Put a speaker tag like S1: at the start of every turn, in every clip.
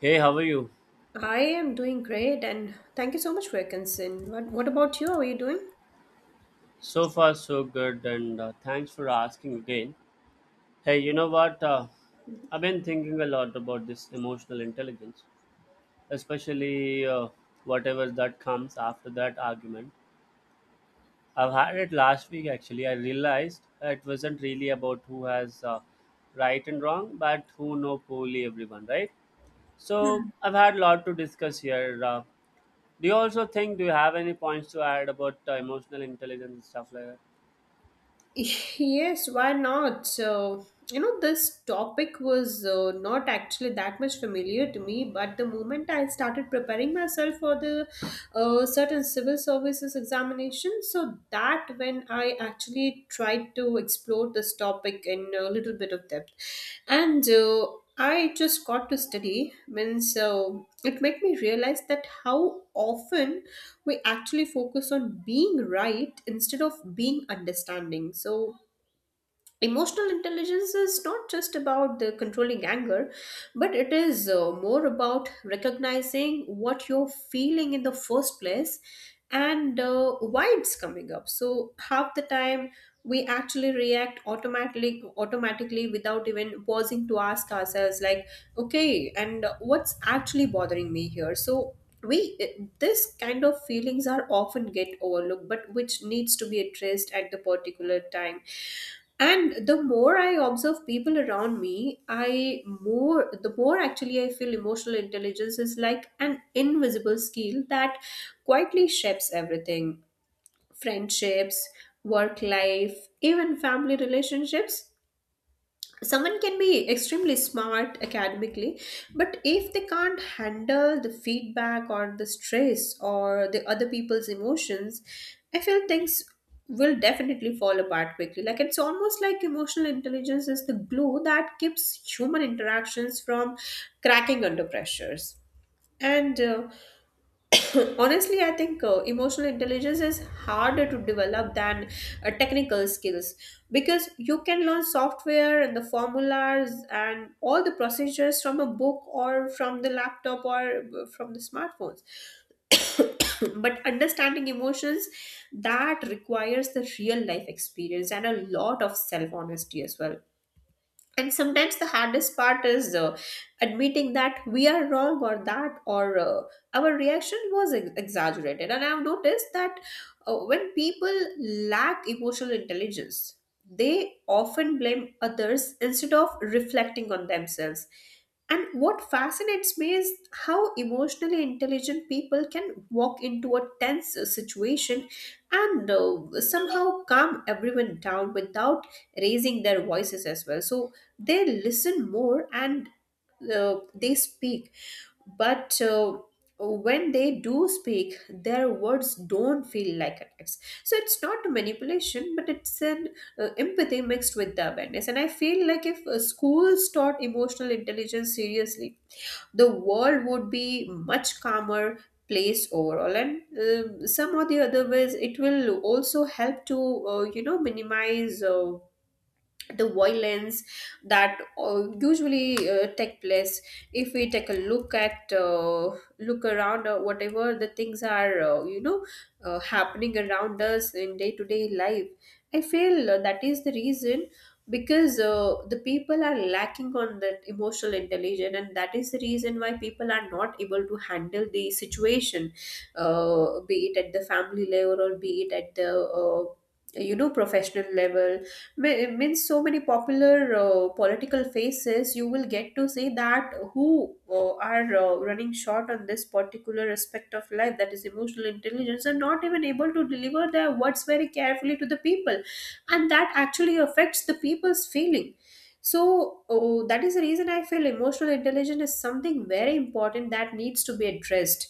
S1: Hey, how are you?
S2: I am doing great, and thank you so much for your concern. What about you? How are you doing?
S1: So far, so good, and thanks for asking again. Hey, you know what? I've been thinking a lot about this emotional intelligence, especially whatever that comes after that argument. I've had it last week actually. I realized it wasn't really about who has right and wrong, but who know poorly everyone, right? So I've had a lot to discuss here. Do you also think? Do you have any points to add about emotional intelligence and stuff like that?
S2: Yes, why not? So, you know, this topic was not actually that much familiar to me, but the moment I started preparing myself for the certain civil services examination, so that when I actually tried to explore this topic in a little bit of depth, and I just got to study means, so it made me realize that how often we actually focus on being right instead of being understanding. So emotional intelligence is not just about the controlling anger, but it is more about recognizing what you're feeling in the first place and why it's coming up. So half the time we actually react automatically without even pausing to ask ourselves, like, okay, and what's actually bothering me here. So this kind of feelings are often get overlooked, but which needs to be addressed at the particular time. And the more I observe people around me, I more the more actually I feel emotional intelligence is like an invisible skill that quietly shapes everything: friendships, work life, even family relationships. Someone can be extremely smart academically, but if they can't handle the feedback or the stress or the other people's emotions, I feel things will definitely fall apart quickly. Like, it's almost like emotional intelligence is the glue that keeps human interactions from cracking under pressures. And Honestly, I think emotional intelligence is harder to develop than technical skills, because you can learn software and the formulas and all the procedures from a book or from the laptop or from the smartphones. But understanding emotions, that requires the real life experience and a lot of self honesty as well. And sometimes the hardest part is admitting that we are wrong, or that or our reaction was exaggerated. And I've noticed that when people lack emotional intelligence, they often blame others instead of reflecting on themselves. And what fascinates me is how emotionally intelligent people can walk into a tense situation and somehow calm everyone down without raising their voices as well. So they listen more, and they speak, but when they do speak, their words don't feel like attacks. So it's not a manipulation, but it's an empathy mixed with the awareness. And I feel like if schools taught emotional intelligence seriously, the world would be much calmer place overall. And some or the other ways, it will also help to minimize the violence that usually take place. If we take a look at, look around whatever the things are, happening around us in day to day life, I feel that is the reason, because the people are lacking on that emotional intelligence, and that is the reason why people are not able to handle the situation, be it at the family level or be it at the uh, professional level. Means so many popular political faces you will get to see that who are running short on this particular aspect of life, that is emotional intelligence, and not even able to deliver their words very carefully to the people, and that actually affects the people's feeling. So that is the reason I feel emotional intelligence is something very important that needs to be addressed,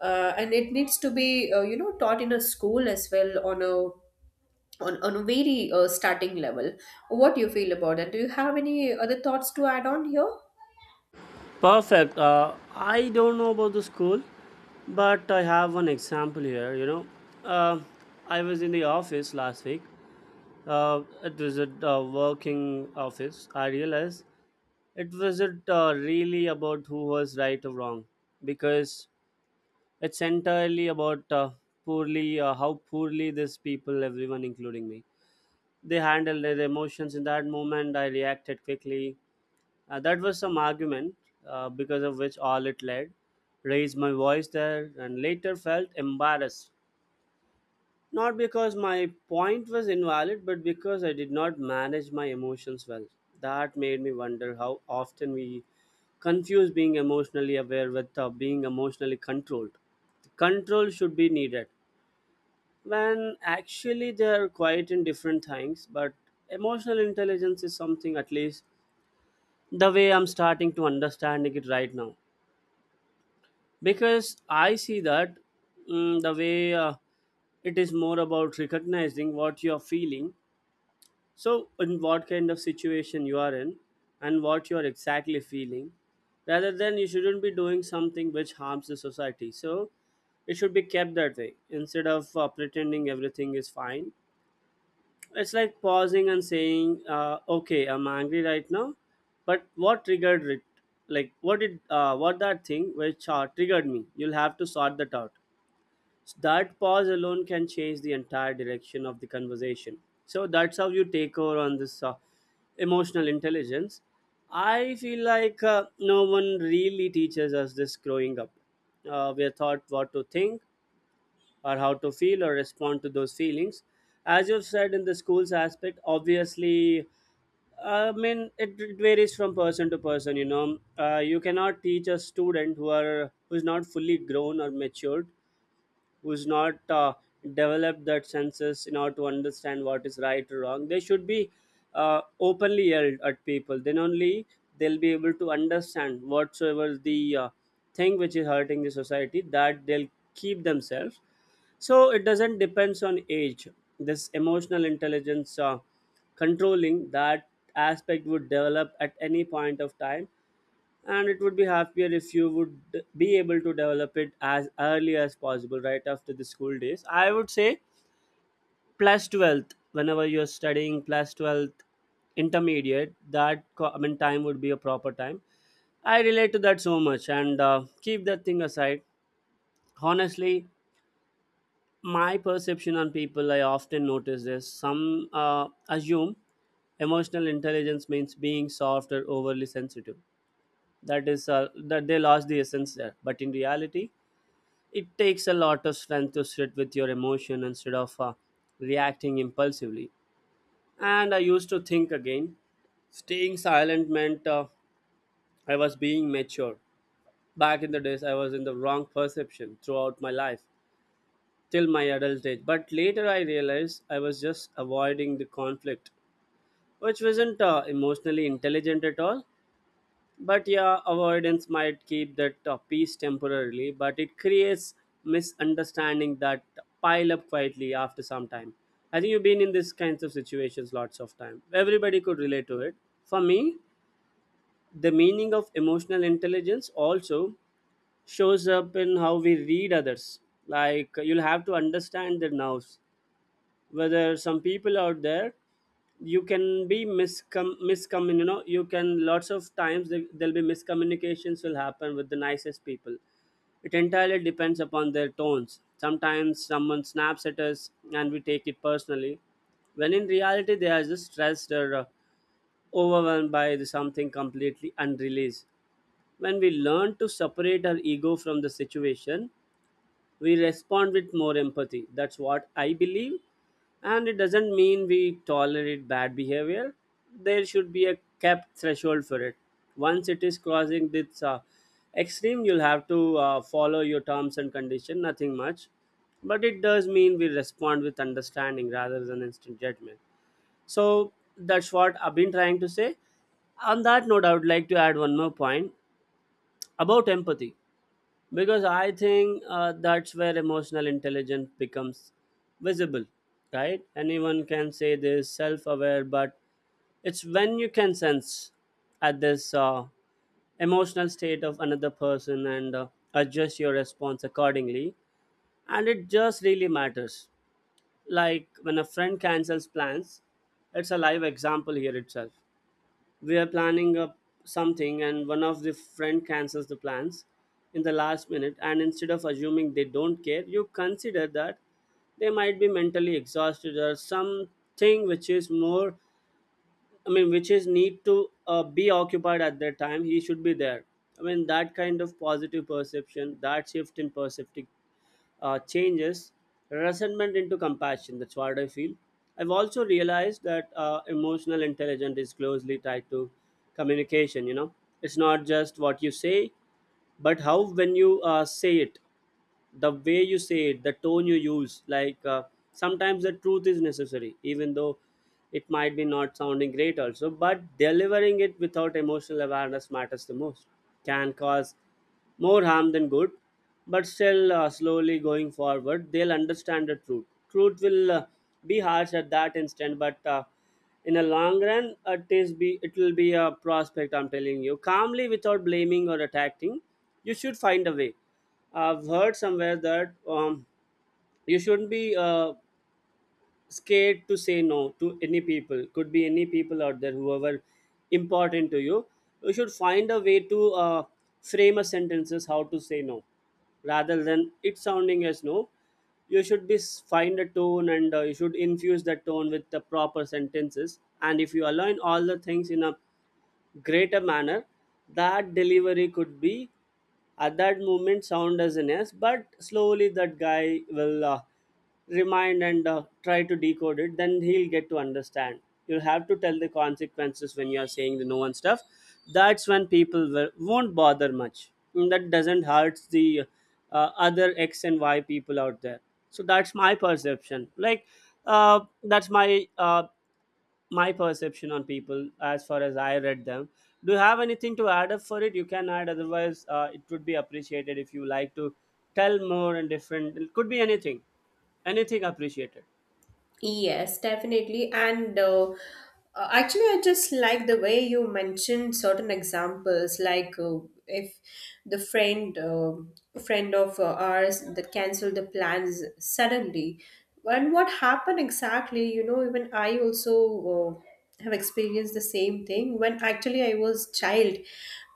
S2: and it needs to be taught in a school as well, on a on a very starting level. What do you feel about that? Do you have any other thoughts to add on here?
S1: Perfect. I don't know about the school, but I have one example here. You know, uh, I was in the office last week. It was a working office. I realized it wasn't really about who was right or wrong because it's entirely about poorly how poorly these people, everyone including me, they handled their emotions in that moment. I reacted quickly, that was some argument because of which all it led. Raised my voice there and later felt embarrassed. Not because my point was invalid, but because I did not manage my emotions well. That made me wonder how often we confuse being emotionally aware with being emotionally controlled. Control should be needed when actually they are quite in different things, but emotional intelligence is something, at least the way I'm starting to understanding it right now, because I see that the way it is more about recognizing what you're feeling, so in what kind of situation you are in and what you're exactly feeling, rather than you shouldn't be doing something which harms the society. So it should be kept that way instead of pretending everything is fine. It's like pausing and saying, "Okay, I'm angry right now, but what triggered it? Like, what did what that thing which triggered me? You'll have to sort that out." So that pause alone can change the entire direction of the conversation. So that's how you take over on this emotional intelligence. I feel like no one really teaches us this growing up. We are taught what to think, or how to feel or respond to those feelings. As you've said in the school's aspect, obviously, I mean, it varies from person to person, you know. You cannot teach a student who are who's not fully grown or matured, who's not developed that senses in order to understand what is right or wrong. They should be openly yelled at people. Then only they'll be able to understand whatsoever the thing which is hurting the society, that they'll keep themselves. So it doesn't depends on age. This emotional intelligence, controlling that aspect, would develop at any point of time, and it would be happier if you would be able to develop it as early as possible, right after the school days. I would say 12th, whenever you're studying 12th, intermediate, I mean, time would be a proper time. I relate to that so much, and keep that thing aside. Honestly, my perception on people, I often notice this, some assume emotional intelligence means being soft or overly sensitive. That is that they lost the essence there, but in reality it takes a lot of strength to sit with your emotion instead of reacting impulsively. And I used to think, again, staying silent meant I was being mature. Back in the days I was in the wrong perception throughout my life, till my adult age. But later I realized I was just avoiding the conflict, which wasn't emotionally intelligent at all. But yeah, avoidance might keep that peace temporarily, but it creates misunderstanding that pile up quietly after some time. I think you've been in these kinds of situations lots of time. Everybody could relate to it. For me, the meaning of emotional intelligence also shows up in how we read others. Like, you'll have to understand their nerves, whether some people out there you can be miscom miscom you know, you can, lots of times there'll be miscommunications will happen with the nicest people. It entirely depends upon their tones. Sometimes someone snaps at us and we take it personally, when in reality they are just stressed or overwhelmed by the something completely unreleased. When we learn to separate our ego from the situation, we respond with more empathy. That's what I believe. And it doesn't mean we tolerate bad behavior. There should be a capped threshold for it. Once it is crossing this extreme, you'll have to follow your terms and condition. Nothing much, but it does mean we respond with understanding rather than instant judgment. So that's what I've been trying to say. On that note, I would like to add one more point about empathy, because I think that's where emotional intelligence becomes visible, right? Anyone can say this self-aware, but it's when you can sense at this emotional state of another person and adjust your response accordingly, and it just really matters. Like, when a friend cancels plans, it's a live example here itself. We are planning up something, and one of the friend cancels the plans in the last minute, and instead of assuming they don't care, you consider that they might be mentally exhausted or something which is more, I mean, which is need to be occupied at that time, he should be there. I mean, that kind of positive perception, that shift in perceptive, changes resentment into compassion. That's what I feel. I've also realized that emotional intelligence is closely tied to communication. You know, it's not just what you say, but how when you say it, the way you say it, the tone you use. Like sometimes the truth is necessary, even though it might be not sounding great also, but delivering it without emotional awareness matters the most, can cause more harm than good. But still slowly going forward, they'll understand the truth. Will be harsh at that instant, but in a long run, it is be it will be a prospect. I'm telling you, calmly without blaming or attacking, you should find a way. I've heard somewhere that you shouldn't be scared to say no to any people. Could be any people out there, whoever important to you. You should find a way to frame a sentences how to say no, rather than it sounding as no. You should find a tone, and you should infuse that tone with the proper sentences. And if you align all the things in a greater manner, that delivery could be, at that moment, sound as an S, but slowly that guy will remind and try to decode it, then he'll get to understand. You'll have to tell the consequences when you're saying the no and stuff. That's when people won't bother much. And that doesn't hurt the other x and y people out there. So that's my perception. Like that's my perception on people as far as I read them. Do you have anything to add up for it? You can add, otherwise, it would be appreciated if you like to tell more and different. It could be anything, anything appreciated.
S2: Yes, definitely. And actually, I just like the way you mentioned certain examples, like, if the friend, friend of ours, that canceled the plans suddenly, and what happened exactly, you know, even I also uh, have experienced the same thing. When actually I was child,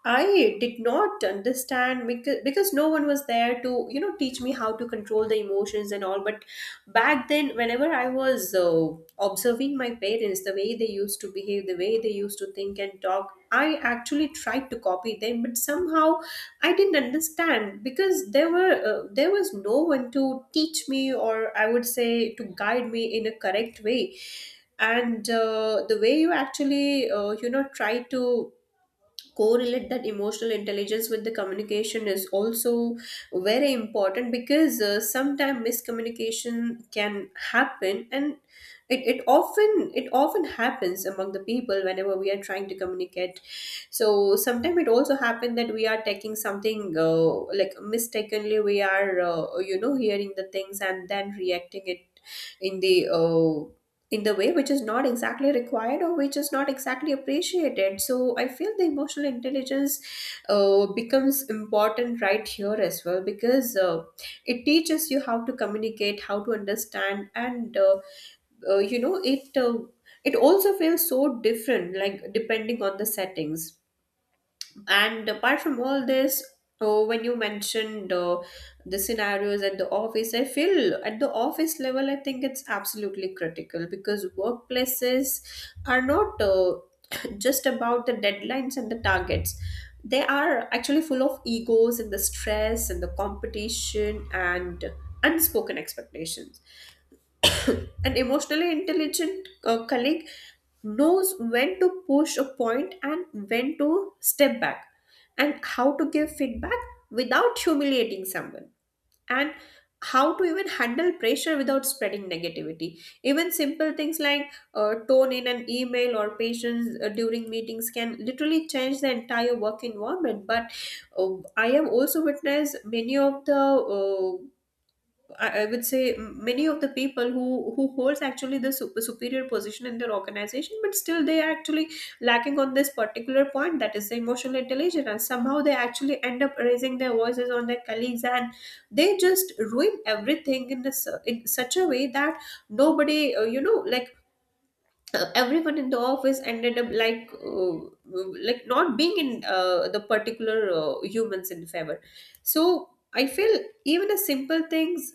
S2: I did not understand because no one was there to, you know, teach me how to control the emotions and all. But back then, whenever I was observing my parents, the way they used to behave, the way they used to think and talk, I actually tried to copy them. But somehow, I didn't understand because there was no one to teach me, or I would say to guide me in a correct way. And the way you actually try to correlate that emotional intelligence with the communication is also very important, because sometimes miscommunication can happen, and it often happens among the people whenever we are trying to communicate. So sometimes it also happens that we are taking something, like, mistakenly we are, you know, hearing the things and then reacting it in the uh, in the way which is not exactly required, or which is not exactly appreciated. So I feel the emotional intelligence becomes important right here as well, because it teaches you how to communicate, how to understand, and, it it also feels so different, like, depending on the settings. And apart from all this, oh, when you mentioned the scenarios at the office, I feel at the office level, I think it's absolutely critical, because workplaces are not just about the deadlines and the targets. They are actually full of egos and the stress and the competition and unspoken expectations. An emotionally intelligent colleague knows when to push a point and when to step back, and how to give feedback without humiliating someone, and how to even handle pressure without spreading negativity. Even simple things like tone in an email, or patience during meetings, can literally change the entire work environment. But I have also witnessed many of the, I would say, many of the people who holds actually the superior position in their organization, but still they are actually lacking on this particular point, that is the emotional intelligence, and somehow they actually end up raising their voices on their colleagues, and they just ruin everything in this, in such a way that nobody, you know, like. Everyone in the office ended up like not being in the particular humans in favor. So I feel even a simple things,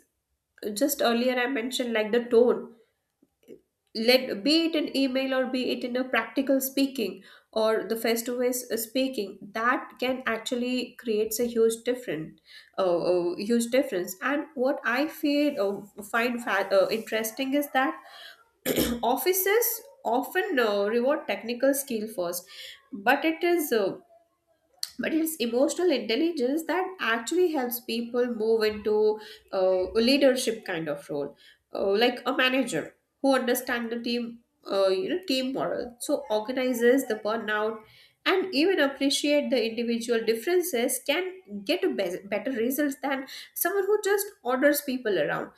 S2: just earlier I mentioned, like the tone, let be it an email or be it in a practical speaking, or the face to face speaking, that can actually creates a huge different, huge difference. And what I feel find interesting is that offices often reward technical skill first, but it is uh, but it's emotional intelligence that actually helps people move into a leadership kind of role, like a manager who understands the team, you know, team moral, so organizes the burnout, and even appreciate the individual differences, can get a better results than someone who just orders people around.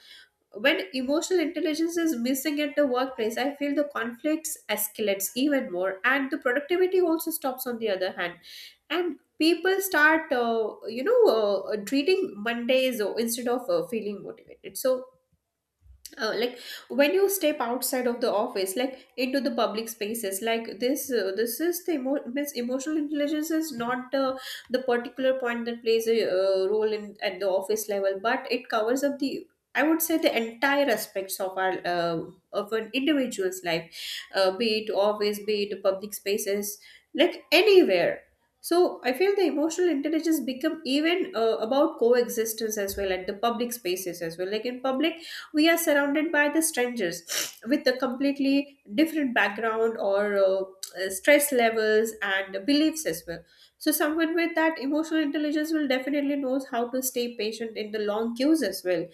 S2: When emotional intelligence is missing at the workplace, I feel the conflicts escalates even more, and the productivity also stops on the other hand, and people start, treating Mondays instead of feeling motivated. So, like, when you step outside of the office, like into the public spaces, like this, this is the means emotional intelligence is not the the particular point that plays a role in at the office level, but it covers up the, I would say, the entire aspects of our, of an individual's life, be it office, be it public spaces, like anywhere. So I feel the emotional intelligence become even about coexistence as well at the public spaces as well. Like in public, we are surrounded by the strangers with a completely different background or stress levels and beliefs as well. So someone with that emotional intelligence will definitely knows how to stay patient in the long queues as well,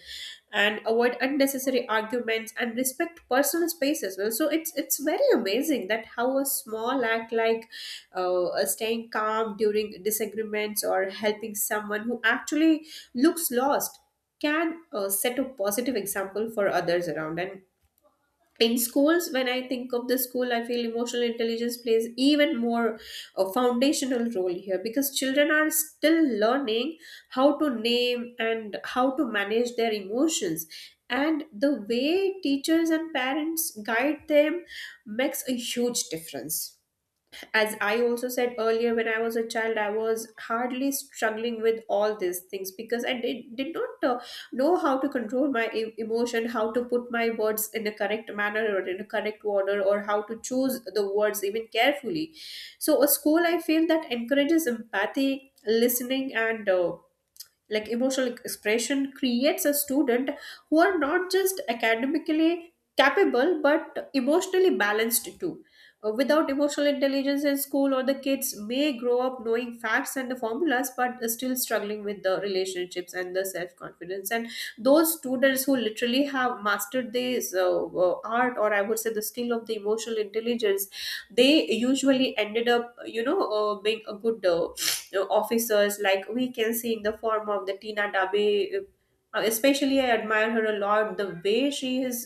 S2: and avoid unnecessary arguments and respect personal space as well. So it's very amazing that how a small act like staying calm during disagreements or helping someone who actually looks lost can set a positive example for others around. And in schools, when I think of the school, I feel emotional intelligence plays even more a foundational role here, because children are still learning how to name and how to manage their emotions, and the way teachers and parents guide them makes a huge difference. As I also said earlier, when I was a child I was hardly struggling with all these things, because I did not know how to control my emotion, how to put my words in a correct manner or in a correct order, or how to choose the words even carefully. So a school, I feel, that encourages empathy, listening and like emotional expression creates a student who are not just academically capable but emotionally balanced too. Without emotional intelligence in school, or the kids may grow up knowing facts and the formulas but still struggling with the relationships and the self-confidence. And those students who literally have mastered this uh, art, or I would say the skill of the emotional intelligence, they usually ended up, you know, being a good officers, like we can see in the form of the Tina Dabe. Especially I admire her a lot. The way she has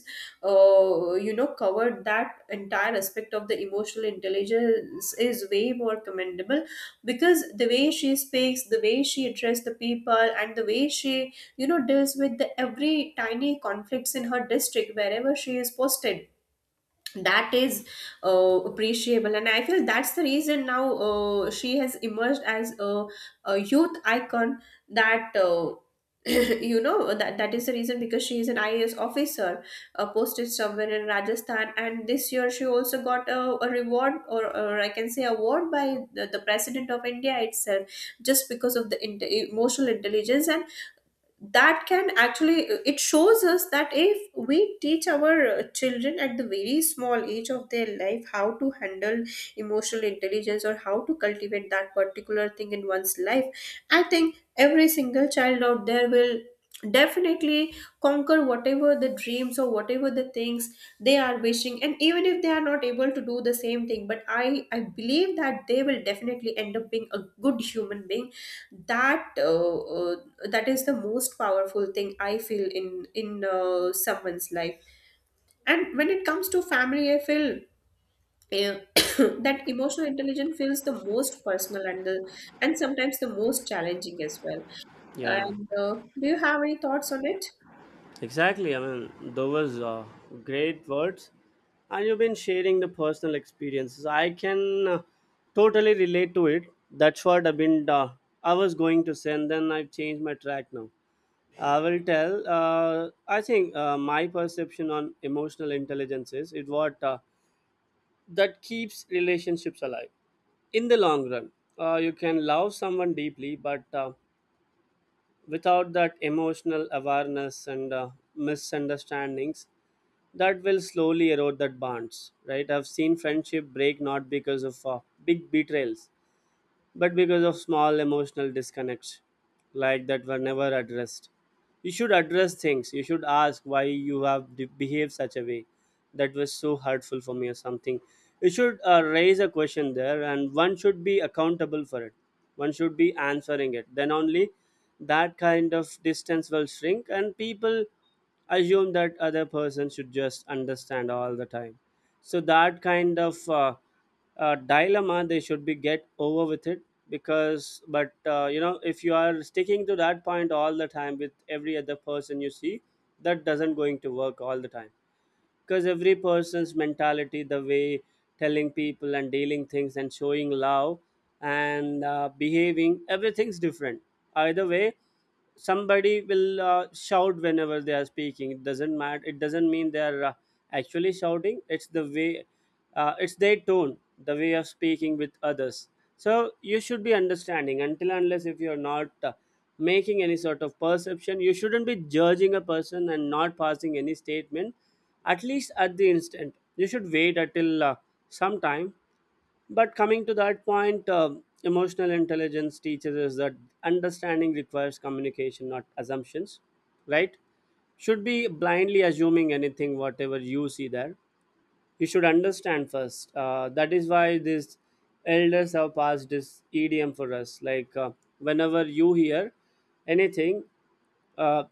S2: you know covered that entire aspect of the emotional intelligence is way more commendable, because the way she speaks, the way she addresses the people, and the way she, you know, deals with the every tiny conflicts in her district wherever she is posted, that is uh, appreciable. And I feel that's the reason now she has emerged as a youth icon. That you know, that is the reason, because she is an IAS officer posted somewhere in Rajasthan. And this year she also got a reward, or I can say award by the president of India itself, just because of the inte emotional intelligence. And that can actually, it shows us that if we teach our children at the very small age of their life how to handle emotional intelligence, or how to cultivate that particular thing in one's life, I think every single child out there will definitely conquer whatever the dreams or whatever the things they are wishing. And even if they are not able to do the same thing, but I believe that they will definitely end up being a good human being. That that is the most powerful thing I feel in someone's life. And when it comes to family, I feel uh, that emotional intelligence feels the most personal, and the, and sometimes the most challenging as well.
S1: Yeah,
S2: And do you have any thoughts on it?
S1: exactly. I mean, those great words, and you've been sharing the personal experiences. I can totally relate to it. That's what I've been. I was going to say, and then I've changed my track now. I will tell. I think my perception on emotional intelligence is it what that keeps relationships alive in the long run. You can love someone deeply, but without that emotional awareness and misunderstandings, that will slowly erode that bonds. Right? I've seen friendship break not because of big betrayals, but because of small emotional disconnects like that were never addressed. You should address things. You should ask why you have behaved such a way that was so hurtful for me or something. You should raise a question there, and one should be accountable for it. One should be answering it. Then only that kind of distance will shrink, and people assume that other person should just understand all the time, so that kind of dilemma they should be get over with it. Because but uh, you know, if you are sticking to that point all the time with every other person you see, that doesn't going to work all the time, because every person's mentality, the way telling people and dealing things and showing love and behaving, everything's different. Either way, somebody will shout whenever they are speaking. It doesn't matter, it doesn't mean they are actually shouting, it's the way, it's their tone, the way of speaking with others. So you should be understanding. Until unless, if you're not making any sort of perception, you shouldn't be judging a person and not passing any statement, at least at the instant. You should wait until some time. But coming to that point, emotional intelligence teaches us that understanding requires communication, not assumptions, right? Should be blindly assuming anything, whatever you see there. You should understand first. That is why these elders have passed this idiom for us. Like, whenever you hear anything, uh,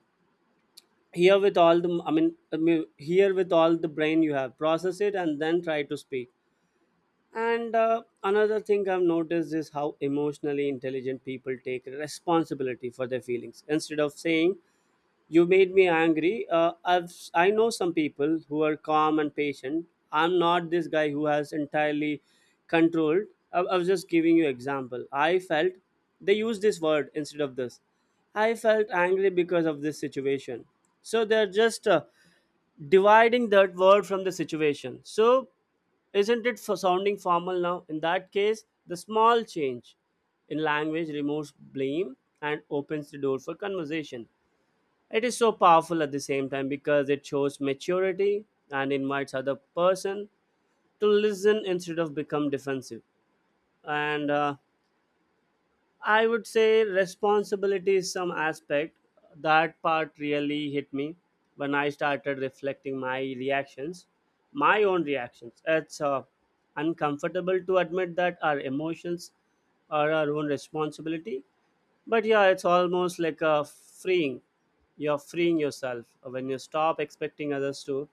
S1: hear with all the, I mean, hear with all the brain you have, process it, and then try to speak. And another thing I've noticed is how emotionally intelligent people take responsibility for their feelings. Instead of saying, "You made me angry," I know some people who are calm and patient. I'm not this guy who has entirely controlled. I was just giving you example. I felt they use this word instead of this. I felt angry because of this situation. So they're just dividing that word from the situation. So, isn't it for sounding formal now? In that case, the small change in language removes blame and opens the door for conversation. It is so powerful at the same time because it shows maturity and invites other person to listen instead of become defensive. And I would say responsibility is some aspect. That part really hit me when I started reflecting my reactions, my own reactions. It's uncomfortable to admit that our emotions are our own responsibility, but yeah, it's almost like a freeing. You're freeing yourself. When you stop expecting others to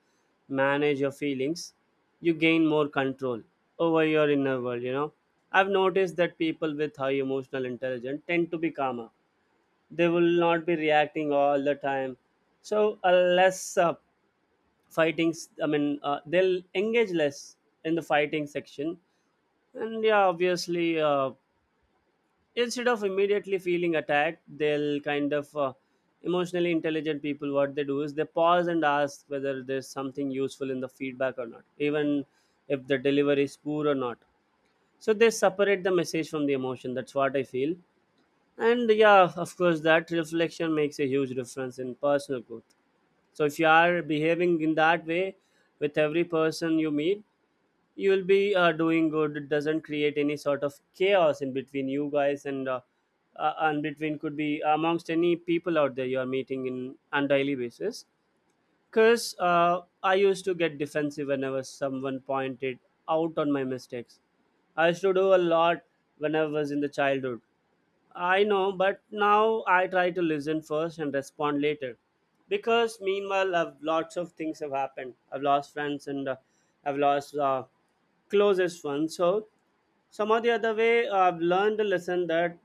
S1: manage your feelings, you gain more control over your inner world, you know. I've noticed that people with high emotional intelligence tend to be calmer. They will not be reacting all the time, so a less fighting. They'll engage less in the fighting section. And yeah, obviously, instead of immediately feeling attacked, they'll kind of emotionally intelligent people, what they do is they pause and ask whether there's something useful in the feedback or not, even if the delivery is poor or not. So they separate the message from the emotion, that's what I feel. And yeah, of course that reflection makes a huge difference in personal growth. So if you are behaving in that way with every person you meet, you will be doing good. It doesn't create any sort of chaos in between you guys and between could be amongst any people out there you are meeting in on daily basis. Cause I used to get defensive whenever someone pointed out on my mistakes. I used to do a lot when I was in the childhood. I know, but now I try to listen first and respond later. Because meanwhile, lots of things have happened. I've lost friends and I've lost closest ones. So, some of the other way, I've learned a lesson that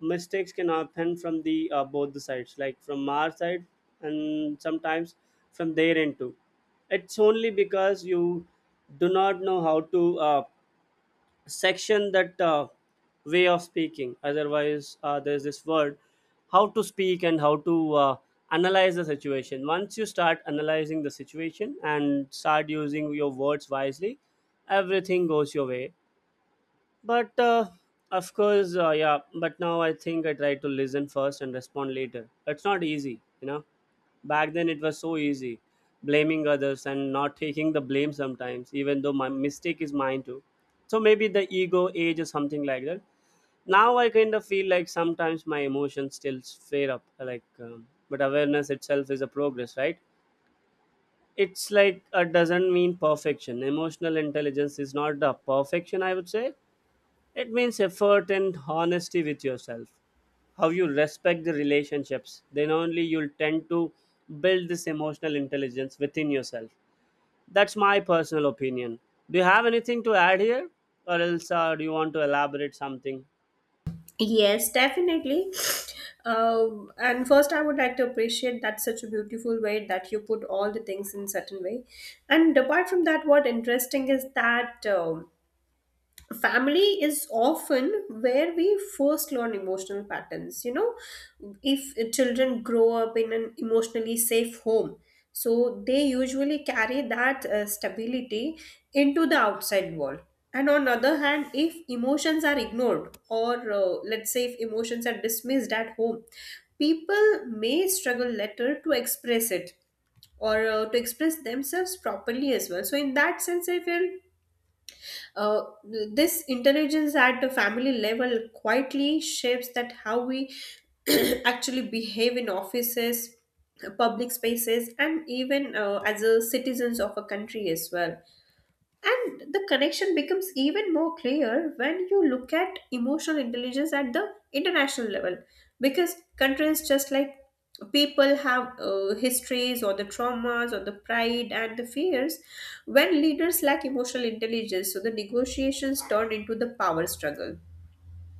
S1: mistakes can happen from the both the sides, like from our side and sometimes from their end too. It's only because you do not know how to section that way of speaking. Otherwise there's this word, how to speak and how to analyze the situation. Once you start analyzing the situation and start using your words wisely, everything goes your way. But of course yeah, but now I think I try to listen first and respond later. It's not easy, you know. Back then, it was so easy blaming others and not taking the blame sometimes, even though my mistake is mine too. So maybe the ego age or something like that. Now I kind of feel like sometimes my emotions still flare up, like, but awareness itself is a progress, right? It's like it doesn't mean perfection. Emotional intelligence is not the perfection, I would say. It means effort and honesty with yourself. How you respect the relationships, then only you'll tend to build this emotional intelligence within yourself. That's my personal opinion. Do you have anything to add here, or else do you want to elaborate something?
S2: Yes, definitely. And first, I would like to appreciate that such a beautiful way that you put all the things in certain way. And apart from that, what interesting is that family is often where we first learn emotional patterns, you know. If children grow up in an emotionally safe home, so they usually carry that stability into the outside world. And on the other hand, if emotions are ignored, or let's say if emotions are dismissed at home, people may struggle later to express it, or to express themselves properly as well. So in that sense I feel uh, this intelligence at the family level quietly shapes that how we actually behave in offices, public spaces, and even as a citizens of a country as well. And the connection becomes even more clear when you look at emotional intelligence at the international level. Because countries, just like people, have histories, or the traumas, or the pride and the fears. When leaders lack emotional intelligence, so the negotiations turn into the power struggle,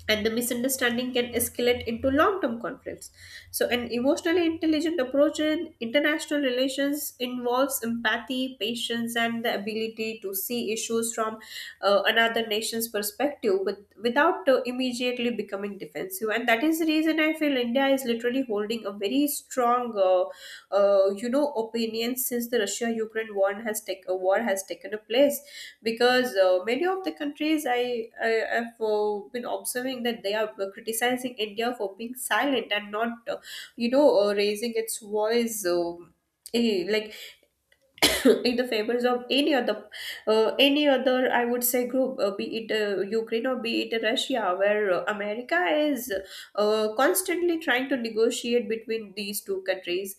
S2: and the misunderstanding can escalate into long-term conflicts. So an emotionally intelligent approach in international relations involves empathy, patience, and the ability to see issues from another nation's perspective, without immediately becoming defensive. And that is the reason I feel India is literally holding a very strong you know opinions since the Russia Ukraine war has take war has taken a place. Because many of the countries I have been observing that they are criticizing India for being silent and not you know raising its voice. Like in the favors of any other any other, I would say, group. Be it Ukraine or be it Russia, where America is constantly trying to negotiate between these two countries.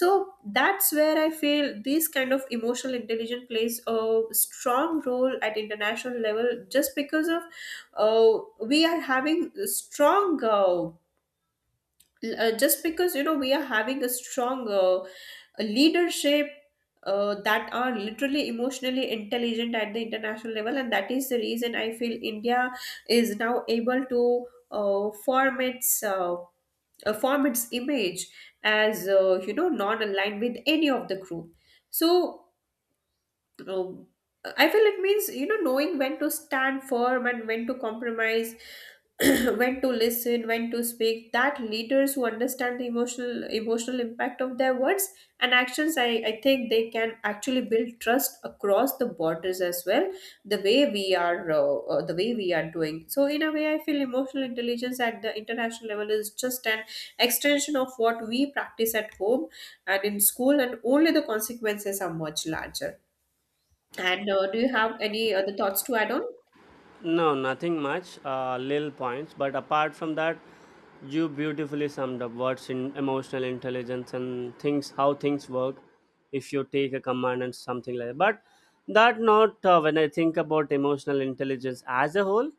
S2: So that's where I feel this kind of emotional intelligence plays a strong role at international level, just because of uh, we are having a strong just because you know we are having a strong a leadership that are literally emotionally intelligent at the international level. And that is the reason I feel India is now able to uh, form its uh, form its image as you know non aligned with any of the group. So um, I feel it means, you know, knowing when to stand firm and when to compromise, when to listen, when to speak, that leaders who understand the emotional impact of their words and actions, I think they can actually build trust across the borders as well. The way we are, the way we are doing. So in a way, I feel emotional intelligence at the international level is just an extension of what we practice at home and in school, and only the consequences are much larger. And do you have any other thoughts to add on?
S1: No, nothing much, little points. But apart from that, you beautifully summed up what's in emotional intelligence and things, how things work if you take a command and something like that. But that note, when I think about emotional intelligence as a whole,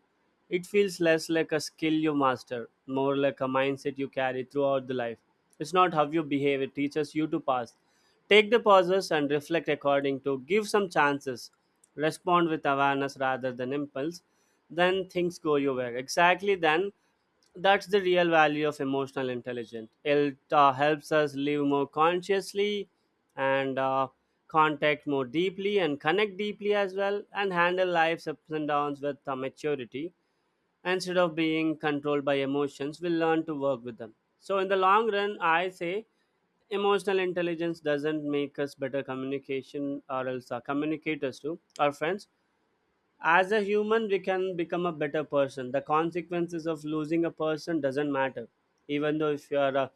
S1: it feels less like a skill you master, more like a mindset you carry throughout the life. It's not how you behave, it teaches you to pass. Take the pauses and reflect according to, give some chances, respond with awareness rather than impulse, then things go your way. Exactly then, that's the real value of emotional intelligence. It helps us live more consciously and contact more deeply and connect deeply as well, and handle life's ups and downs with maturity. Instead of being controlled by emotions, we learn to work with them. So in the long run, I say emotional intelligence doesn't make us better communication or else communicators too, our friends. As a human, we can become a better person. The consequences of losing a person doesn't matter. Even though if you are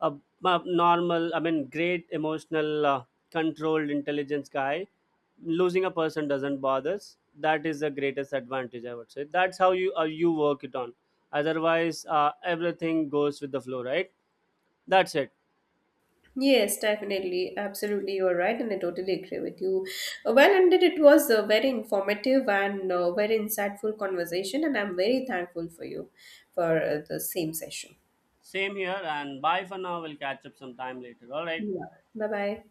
S1: a, a normal, I mean great emotional controlled intelligence guy, losing a person doesn't bother us. That is the greatest advantage, I would say. That's how you you work it on. Otherwise everything goes with the flow, right? That's it.
S2: Yes, definitely. Absolutely. You're right. And I totally agree with you. Well, and it was a very informative and very insightful conversation. And I'm very thankful for you for the same session.
S1: Same here, and bye for now, we'll catch up sometime later, all right.
S2: Yeah. Bye bye.